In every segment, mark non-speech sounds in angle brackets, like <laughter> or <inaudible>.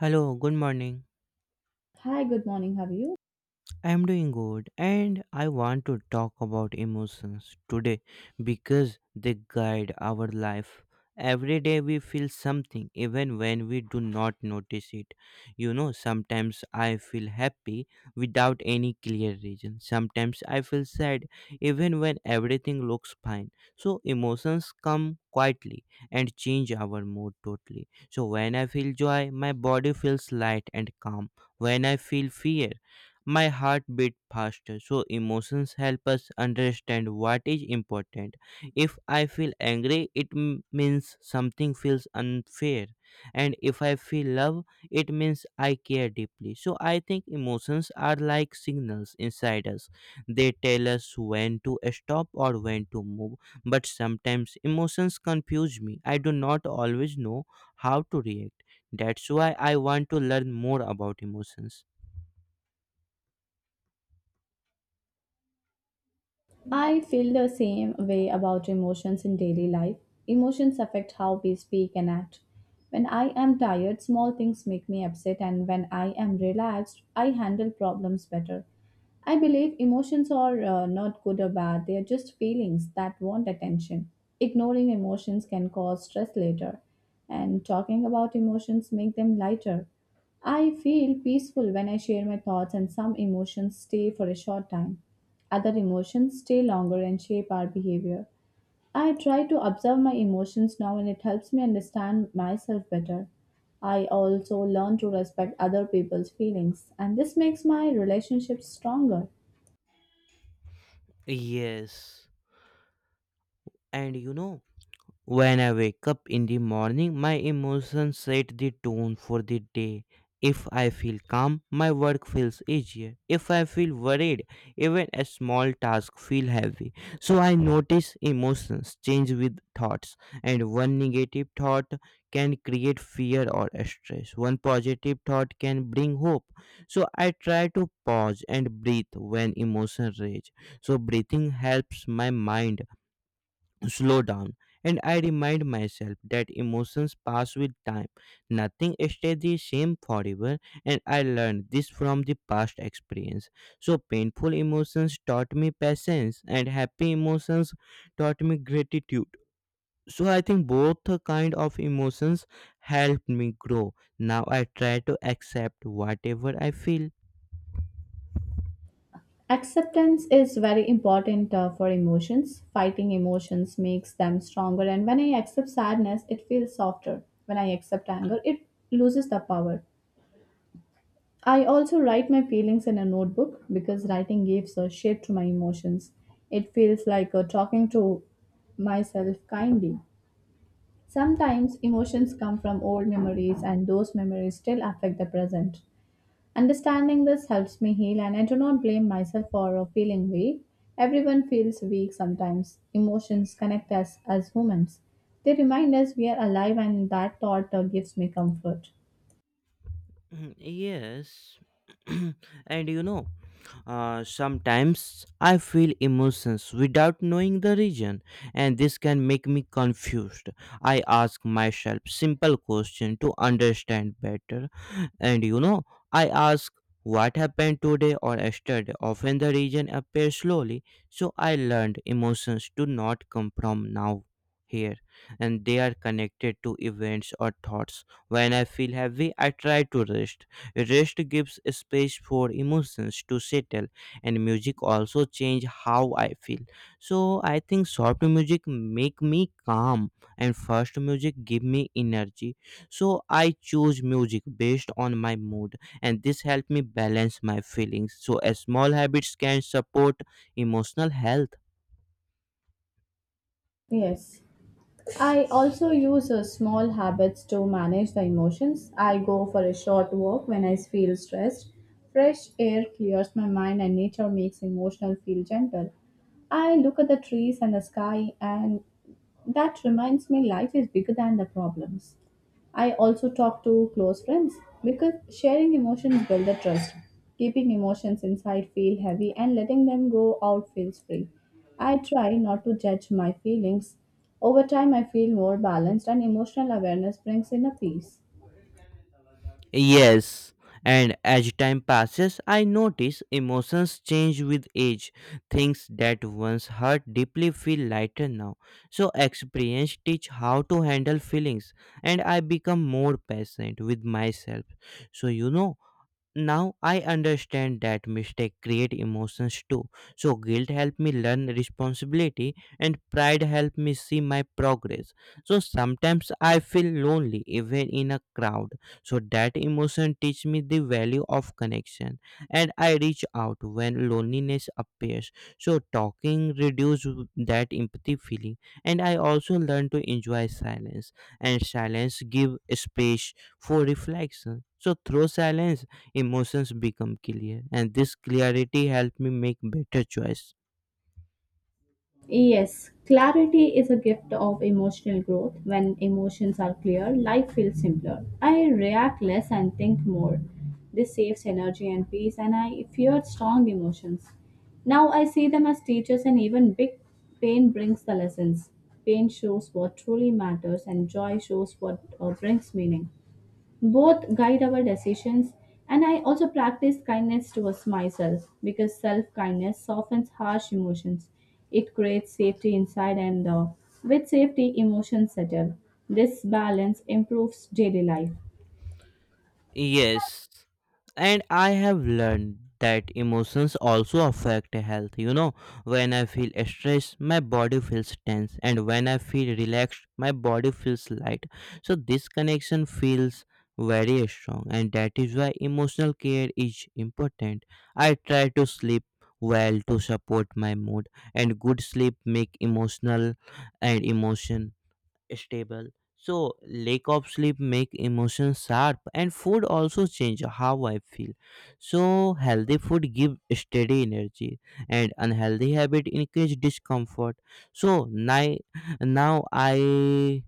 Hello, good morning. Hi, good morning. How are you? I'm doing good, and I want to talk about emotions today because they guide our life. Every day we feel something, even when we do not notice it. You know, sometimes I feel happy without any clear reason. Sometimes I feel sad, even when everything looks fine. So, emotions come quietly and change our mood totally. So, when I feel joy, my body feels light and calm. When I feel fear, my heart beat faster, so emotions help us understand what is important. If I feel angry, it means something feels unfair, and if I feel love, it means I care deeply. So I think emotions are like signals inside us. They tell us when to stop or when to move, but sometimes emotions confuse me. I do not always know how to react. That's why I want to learn more about emotions. I feel the same way about emotions in daily life. Emotions affect how we speak and act. When I am tired, small things make me upset, and when I am relaxed, I handle problems better. I believe emotions are not good or bad, they are just feelings that want attention. Ignoring emotions can cause stress later, and talking about emotions make them lighter. I feel peaceful when I share my thoughts, and some emotions stay for a short time. Other emotions stay longer and shape our behavior. I try to observe my emotions now and it helps me understand myself better. I also learn to respect other people's feelings and this makes my relationships stronger. Yes. And you know, when I wake up in the morning, my emotions set the tone for the day. If I feel calm, my work feels easier. If I feel worried, even a small task feel heavy. So I notice emotions change with thoughts, and one negative thought can create fear or stress. One positive thought can bring hope. So I try to pause and breathe when emotions rage. So breathing helps my mind slow down, and I remind myself that emotions pass with time. Nothing stays the same forever, and I learned this from the past experience. So painful emotions taught me patience and happy emotions taught me gratitude. So I think both kind of emotions helped me grow. Now I try to accept whatever I feel. Acceptance is very important for emotions. Fighting emotions makes them stronger, and when I accept sadness, it feels softer. When I accept anger, it loses the power. I also write my feelings in a notebook because writing gives a shape to my emotions. It feels like talking to myself kindly. Sometimes emotions come from old memories, and those memories still affect the present. Understanding this helps me heal, and I do not blame myself for feeling weak. Everyone feels weak sometimes. Emotions connect us as humans, they remind us we are alive, and that thought gives me comfort. Mm, yes. <clears throat> And you know, sometimes I feel emotions without knowing the reason, and this can make me confused. I ask myself simple questions to understand better. And you know, I ask what happened today or yesterday. Often the reason appears slowly, so I learned emotions do not come from now here, and they are connected to events or thoughts. When I feel heavy, I try to rest. Rest gives space for emotions to settle, and music also change how I feel. So I think soft music make me calm and fast music give me energy. So I choose music based on my mood, and this helps me balance my feelings. So, as small habits can support emotional health. Yes. I also use small habits to manage the emotions. I go for a short walk when I feel stressed. Fresh air clears my mind and nature makes emotional feel gentle. I look at the trees and the sky and that reminds me life is bigger than the problems. I also talk to close friends because sharing emotions build the trust. Keeping emotions inside feel heavy and letting them go out feels free. I try not to judge my feelings. Over time I feel more balanced and emotional awareness brings in a peace. Yes, and as time passes, I notice emotions change with age. Things that once hurt deeply feel lighter now. So, experience teach how to handle feelings, and I become more patient with myself. So, you know, now I understand that mistakes create emotions too. So guilt helped me learn responsibility and pride helped me see my progress. So sometimes I feel lonely even in a crowd. So that emotion teach me the value of connection, and I reach out when loneliness appears. So talking reduce that empathy feeling, and I also learn to enjoy silence, and silence give space for reflection. So through silence emotions become clear, and this clarity helped me make better choice. Yes, clarity is a gift of emotional growth. When emotions are clear, life feels simpler. I react less and think more. This saves energy and peace, and I feared strong emotions. Now I see them as teachers, and even big pain brings the lessons. Pain shows what truly matters, and joy shows what brings meaning. Both guide our decisions, and I also practice kindness towards myself because self kindness softens harsh emotions. It creates safety inside, and with safety, emotions settle. This balance improves daily life. Yes, and I have learned that emotions also affect health, you know. When I feel stressed my body feels tense, and when I feel relaxed my body feels light. So this connection feels very strong, and that is why emotional care is important. I try to sleep well to support my mood, and good sleep make emotional and emotion stable. So lack of sleep make emotions sharp, and food also change how I feel. So healthy food give steady energy and unhealthy habit increase discomfort. So now, now I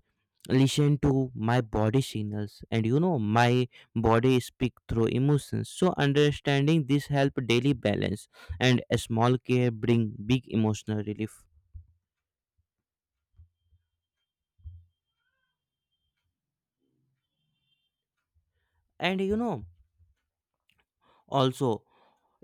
listen to my body signals, and you know, my body speak through emotions, so understanding this help daily balance, and a small care bring big emotional relief. And you know, also,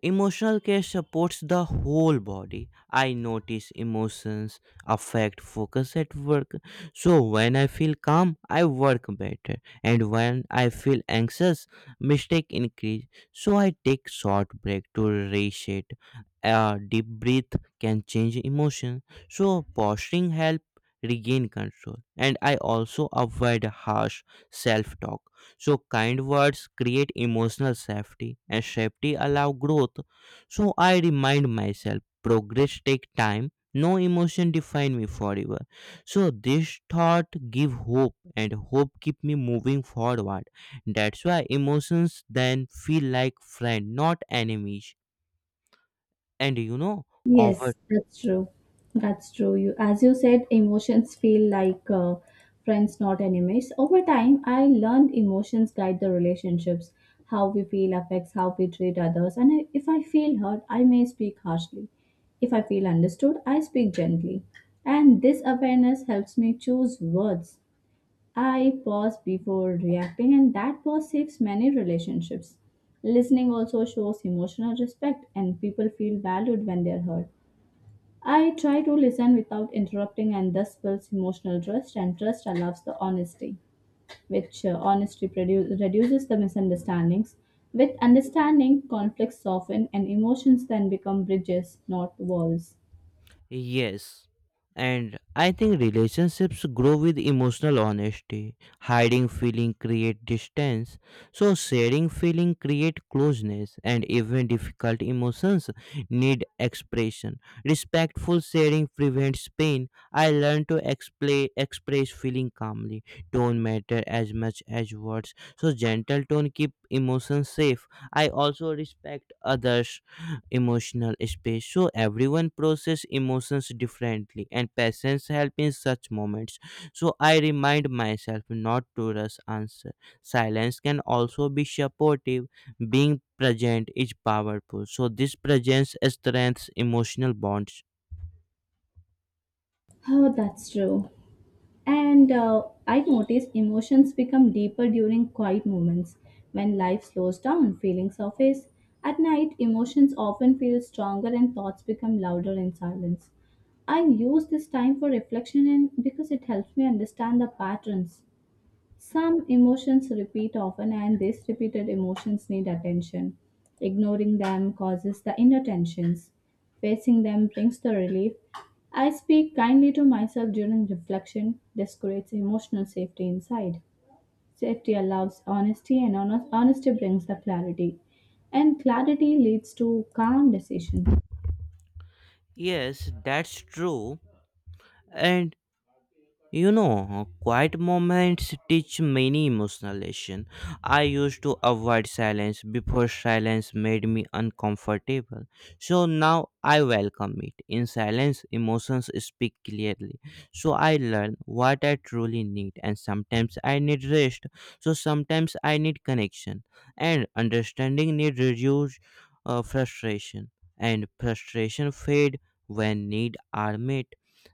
emotional care supports the whole body. I notice emotions affect focus at work. So when I feel calm, I work better. And when I feel anxious, mistake increase. So I take short break to reset. A deep breath can change emotion. So posturing help regain control. And I also avoid harsh self-talk. So kind words create emotional safety and safety allow growth. So I remind myself progress take time. No emotion define me forever. So this thought give hope and hope keep me moving forward. That's why emotions then feel like friend, not enemies. And you know, over. Yes, that's true. That's true. As you said, emotions feel like friends, not enemies. Over time, I learned emotions guide the relationships. How we feel affects how we treat others. If I feel hurt, I may speak harshly. If I feel understood, I speak gently. And this awareness helps me choose words. I pause before reacting, and that pause saves many relationships. Listening also shows emotional respect, and people feel valued when they're heard. I try to listen without interrupting, and thus builds emotional trust, and trust allows the honesty, which reduces the misunderstandings. With understanding, conflicts soften, and emotions then become bridges, not walls. Yes. And I think relationships grow with emotional honesty. Hiding feeling create distance. So sharing feeling create closeness, and even difficult emotions need expression. Respectful sharing prevents pain. I learn to explain express feeling calmly. Tone matter as much as words. So gentle tone keep emotions safe. I also respect others emotional space. So everyone process emotions differently, and patience help in such moments. So I remind myself not to rush answer. Silence can also be supportive. Being present is powerful, so this presence strengthens emotional bonds. Oh, that's true. And I notice emotions become deeper during quiet moments when life slows down, feelings surface. At night, emotions often feel stronger and thoughts become louder in silence. I use this time for reflection and because it helps me understand the patterns. Some emotions repeat often, and these repeated emotions need attention. Ignoring them causes the inner tensions. Facing them brings the relief. I speak kindly to myself during reflection. This creates emotional safety inside. Safety allows honesty, and honesty brings the clarity. And clarity leads to calm decisions. Yes, that's true. And you know, quiet moments teach many emotional lessons. I used to avoid silence before silence made me uncomfortable. So now I welcome it. In silence, emotions speak clearly. So I learn what I truly need, and sometimes I need rest. So sometimes I need connection, and understanding need reduce frustration, and frustration fade when need are met.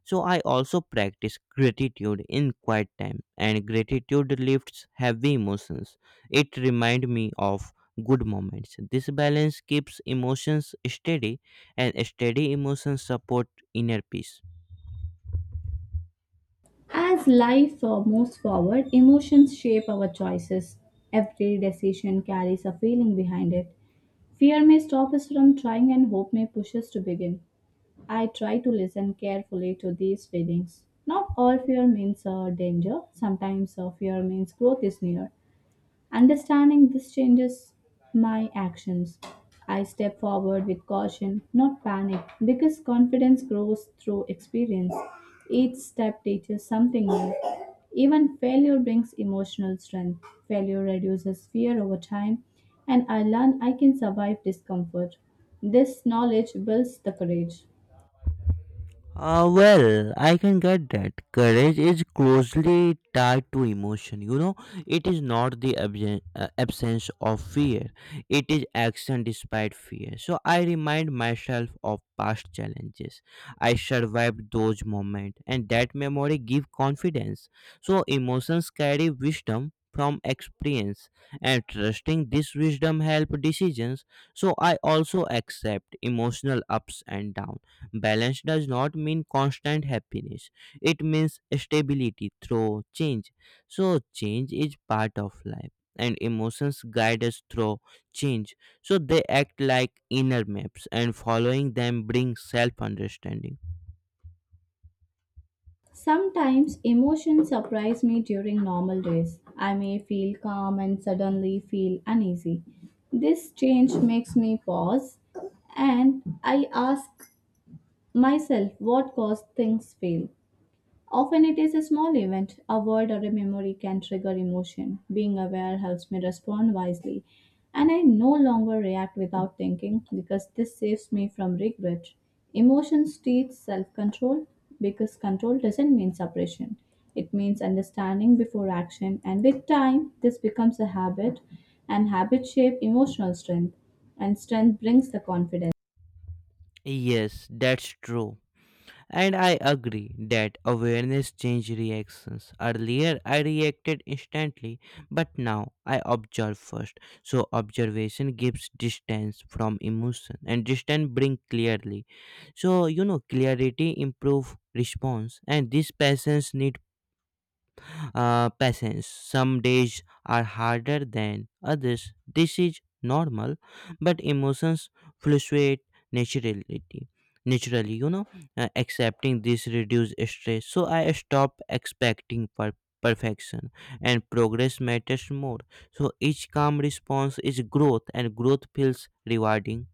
So I also practice gratitude in quiet time, and gratitude lifts heavy emotions. It reminds me of good moments. This balance keeps emotions steady, and steady emotions support inner peace. As life moves forward, emotions shape our choices. Every decision carries a feeling behind it. Fear may stop us from trying, and hope may push us to begin. I try to listen carefully to these feelings. Not all fear means danger, sometimes fear means growth is near. Understanding this changes my actions. I step forward with caution, not panic, because confidence grows through experience. Each step teaches something new. Even failure brings emotional strength. Failure reduces fear over time, and I learn I can survive discomfort. This knowledge builds the courage. Well, I can get that. Courage is closely tied to emotion. You know, it is not the absence of fear, it is action despite fear. So I remind myself of past challenges. I survived those moments, and that memory gives confidence. So emotions carry wisdom from experience, and trusting this wisdom help decisions. So I also accept emotional ups and downs. Balance does not mean constant happiness, it means stability through change. So, change is part of life, and emotions guide us through change. So, they act like inner maps, and following them brings self understanding. Sometimes emotions surprise me during normal days. I may feel calm and suddenly feel uneasy. This change makes me pause and I ask myself what caused things fail. Often it is a small event, a word or a memory can trigger emotion. Being aware helps me respond wisely, and I no longer react without thinking because this saves me from regret. Emotions teach self control because control doesn't mean suppression, it means understanding before action, and with time, this becomes a habit, and habit shape emotional strength, and strength brings the confidence. Yes, that's true. And I agree that awareness changes reactions. Earlier, I reacted instantly, but now I observe first. So, observation gives distance from emotion, and distance brings clarity. So, you know, clarity improve response, and this patience need patience. Some days are harder than others. This is normal, but emotions fluctuate naturally. Naturally, you know, accepting this reduces stress. So I stop expecting perfection, and progress matters more. So each calm response is growth, and growth feels rewarding.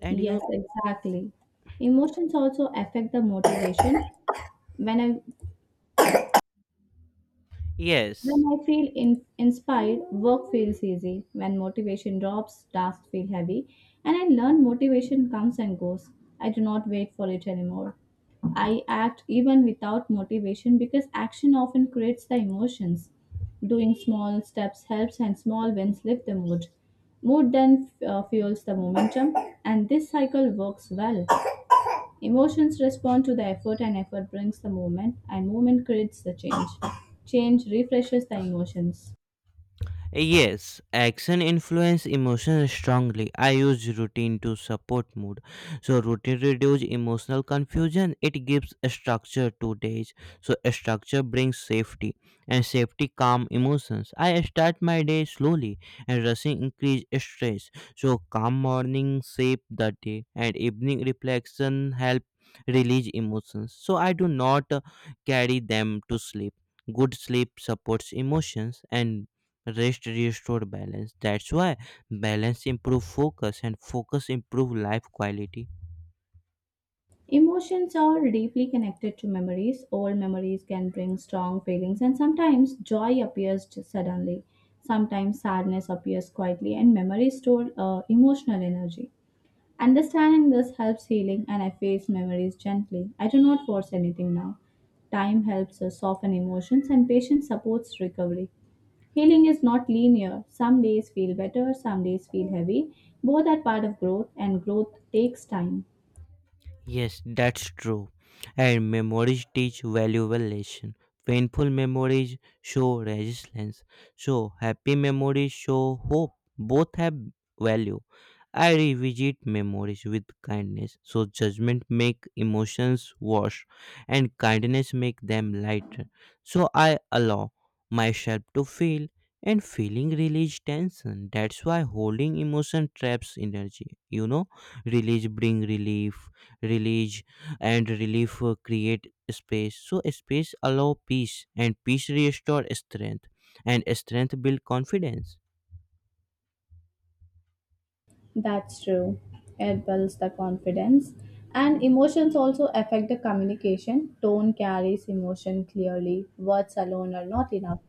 And you, Yes, exactly. Emotions also affect the motivation. When I When yes, I feel inspired, work feels easy. When motivation drops, tasks feel heavy. And I learn motivation comes and goes. I do not wait for it anymore. I act even without motivation because action often creates the emotions. Doing small steps helps, and small wins lift the mood. Mood then fuels the momentum, and this cycle works well. Emotions respond to the effort, and effort brings the movement, and movement creates the change. Change refreshes the emotions. Yes, action influence emotions strongly. I use routine to support mood. So routine reduce emotional confusion. It gives a structure to days. So a structure brings safety and safety calm emotions. I start my day slowly, and rushing increase stress. So calm morning shape the day, and evening reflection help release emotions. So I do not carry them to sleep. Good sleep supports emotions, and rest restore balance. That's why balance improve focus, and focus improve life quality. Emotions are deeply connected to memories. Old memories can bring strong feelings, and sometimes joy appears just suddenly. Sometimes sadness appears quietly, and memories store emotional energy. Understanding this helps healing, and I face memories gently. I do not force anything now. Time helps us soften emotions, and patience supports recovery. Healing is not linear. Some days feel better, some days feel heavy. Both are part of growth, and growth takes time. Yes, that's true. And memories teach valuable lesson. Painful memories show resilience. So happy memories show hope. Both have value. I revisit memories with kindness. So judgment make emotions worse, and kindness make them lighter. So I allow myself to feel, and feeling release tension. That's why holding emotion traps energy. You know, release bring relief, release, and relief create space. So space allow peace, and peace restore strength, and strength build confidence. That's true. It builds the confidence. And emotions also affect the communication. Tone carries emotion clearly. Words alone are not enough.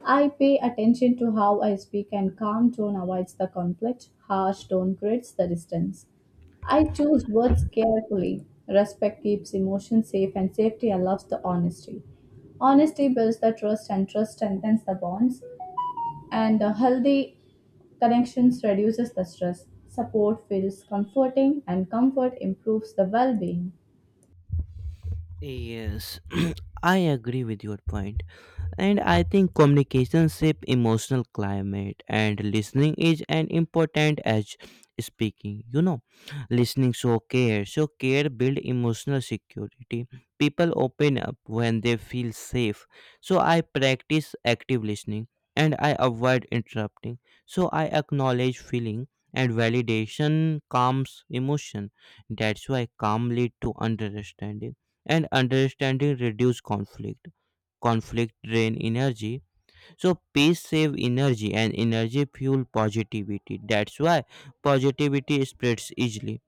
I pay attention to how I speak, and calm tone avoids the conflict. Harsh tone creates the distance. I choose words carefully. Respect keeps emotions safe, and safety allows the honesty. Honesty builds the trust, and trust strengthens the bonds and healthy connections reduces the stress support feels comforting and comfort improves the well-being. Yes. <clears throat> I agree with your point. And I think communication shape emotional climate, and listening is an important as speaking. You know, listening show care. So care build emotional security. People open up when they feel safe. So I practice active listening, and I avoid interrupting. So I acknowledge feeling, and validation calms emotion. That's why calm lead to understanding, and understanding reduce conflict. Conflict drain energy, so peace save energy and energy fuel positivity. That's why positivity spreads easily.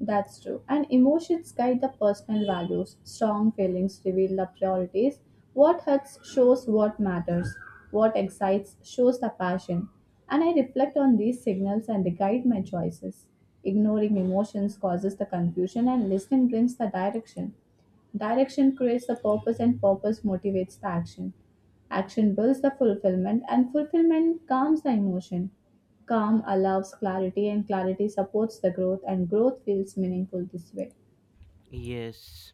That's true and emotions guide the personal values strong feelings reveal the priorities. What hurts shows what matters, what excites shows the passion, and I reflect on these signals and they guide my choices. Ignoring emotions causes the confusion and listening brings the direction. Direction creates the purpose, and purpose motivates the action. Action builds the fulfillment, and fulfillment calms the emotion. Calm allows clarity, and clarity supports the growth, and growth feels meaningful this way. Yes,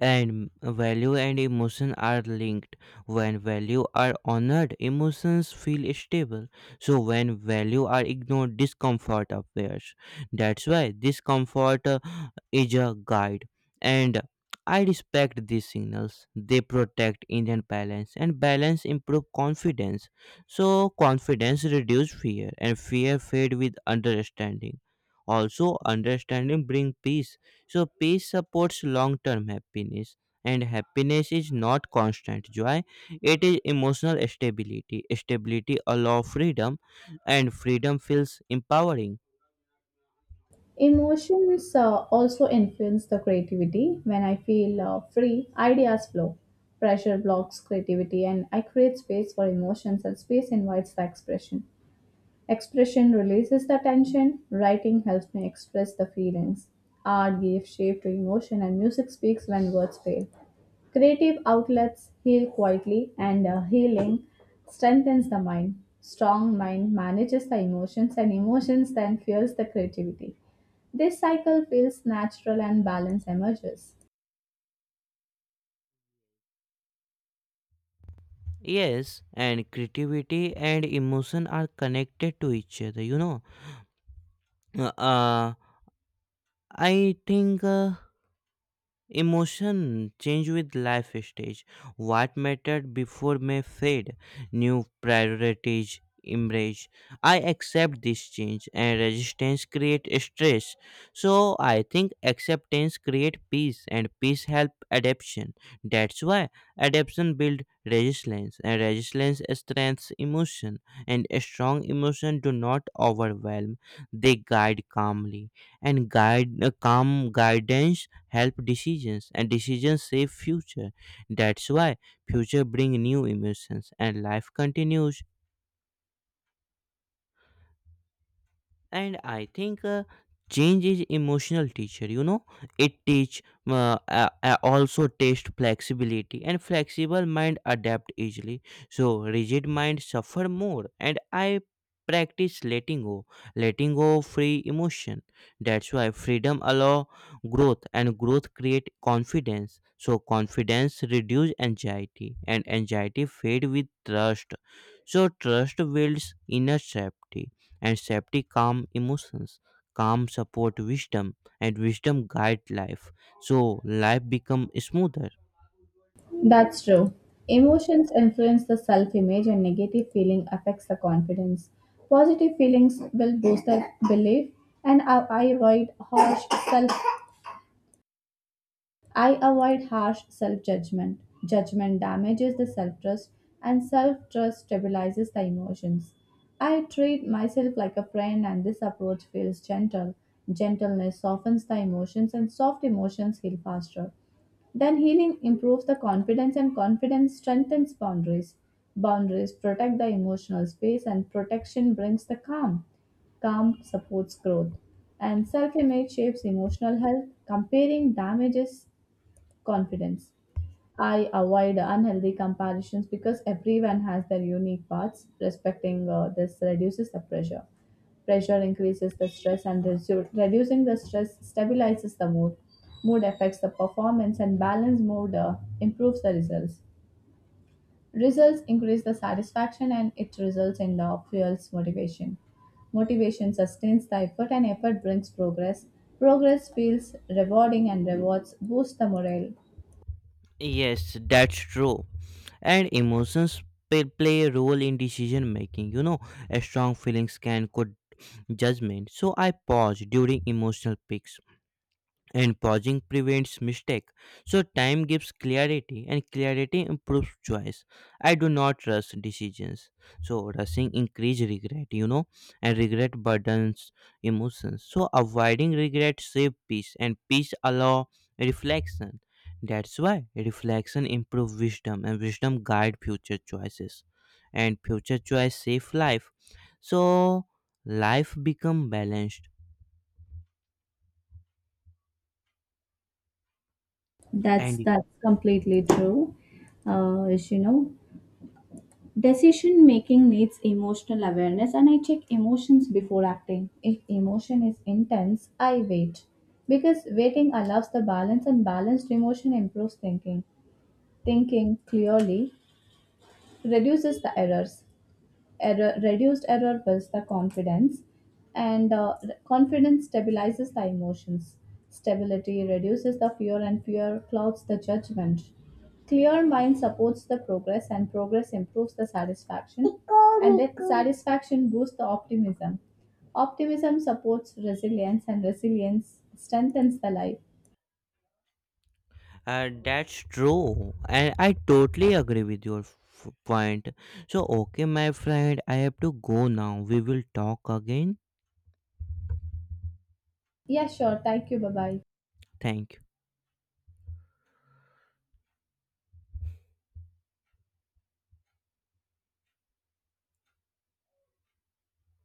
and value and emotion are linked. When value are honored, emotions feel stable. So when value are ignored, discomfort appears. That's why discomfort is a guide. And I respect these signals. They protect inner balance, and balance improve confidence. So confidence reduce fear, and fear fade with understanding. Also, understanding bring peace, so peace supports long-term happiness, and happiness is not constant joy. It is emotional stability. Stability allows freedom, and freedom feels empowering. Emotions also influence the creativity. When I feel free, ideas flow. Pressure blocks creativity, and I create space for emotions, and space invites the expression. Expression releases the tension, writing helps me express the feelings. Art gives shape to emotion, and music speaks when words fail. Creative outlets heal quietly, and healing strengthens the mind. Strong mind manages the emotions, and emotions then fuels the creativity. This cycle feels natural and balance emerges. Yes, and creativity and emotion are connected to each other, you know. Uh, I think emotion change with life stage. What mattered before may fade. New priorities emerge. I accept this change, and resistance create stress. So I think acceptance create peace, and peace help adaptation. That's why adaptation build resilience, and resilience strengthens emotion, and strong emotion do not overwhelm. They guide calmly, and guide calm guidance help decisions, and decisions save future. That's why future bring new emotions, and life continues. And I think change is emotional teacher, you know. It teach also test flexibility, and flexible mind adapt easily. So rigid mind suffer more, and I practice letting go, letting go of free emotion. That's why freedom allow growth, and growth create confidence. So confidence reduce anxiety, and anxiety fade with trust. So trust builds inner safety, and safety calm emotions. Calm support wisdom, and wisdom guide life. So life become smoother. That's true. Emotions influence the self image, and negative feeling affects the confidence. Positive feelings will boost the belief, and I avoid harsh self. I avoid harsh self judgment. Judgment damages the self trust, and self trust stabilizes the emotions. I treat myself like a friend, and this approach feels gentle. Gentleness softens the emotions, and soft emotions heal faster. Then healing improves the confidence, and confidence strengthens boundaries. Boundaries protect the emotional space, and protection brings the calm. Calm supports growth. And self image shapes emotional health. Comparing damages confidence. I avoid unhealthy comparisons because everyone has their unique paths. Respecting this reduces the pressure. Pressure increases the stress, and reducing the stress stabilizes the mood. Mood affects the performance, and balanced mood improves the results. Results increase the satisfaction, and it results in the fuels motivation. Motivation sustains the effort, and effort brings progress. Progress feels rewarding, and rewards boost the morale. Yes, that's true. And emotions play a role in decision making, you know. A strong feelings can could judgment. So I pause during emotional peaks, and pausing prevents mistake. So time gives clarity, and clarity improves choice. I do not rush decisions. So rushing increase regret, you know, and regret burdens emotions. So avoiding regret save peace, and peace allow reflection. That's why reflection improve wisdom, and wisdom guide future choices, and future choice save life. So life become balanced. That's And that's completely true. As you know, decision making needs emotional awareness, and I check emotions before acting. If emotion is intense, I wait because waiting allows the balance, and balanced emotion improves thinking. Thinking clearly reduces the errors. Error builds the confidence, and confidence stabilizes the emotions. Stability reduces the fear and fear clouds the judgment. Clear mind supports the progress and progress improves the satisfaction, and that satisfaction boosts the optimism. Optimism supports resilience and resilience strengthens the life. That's true, and I totally agree with your point. So, okay, my friend, I have to go now. We will talk again. Yeah, sure, thank you, bye bye. Thank you.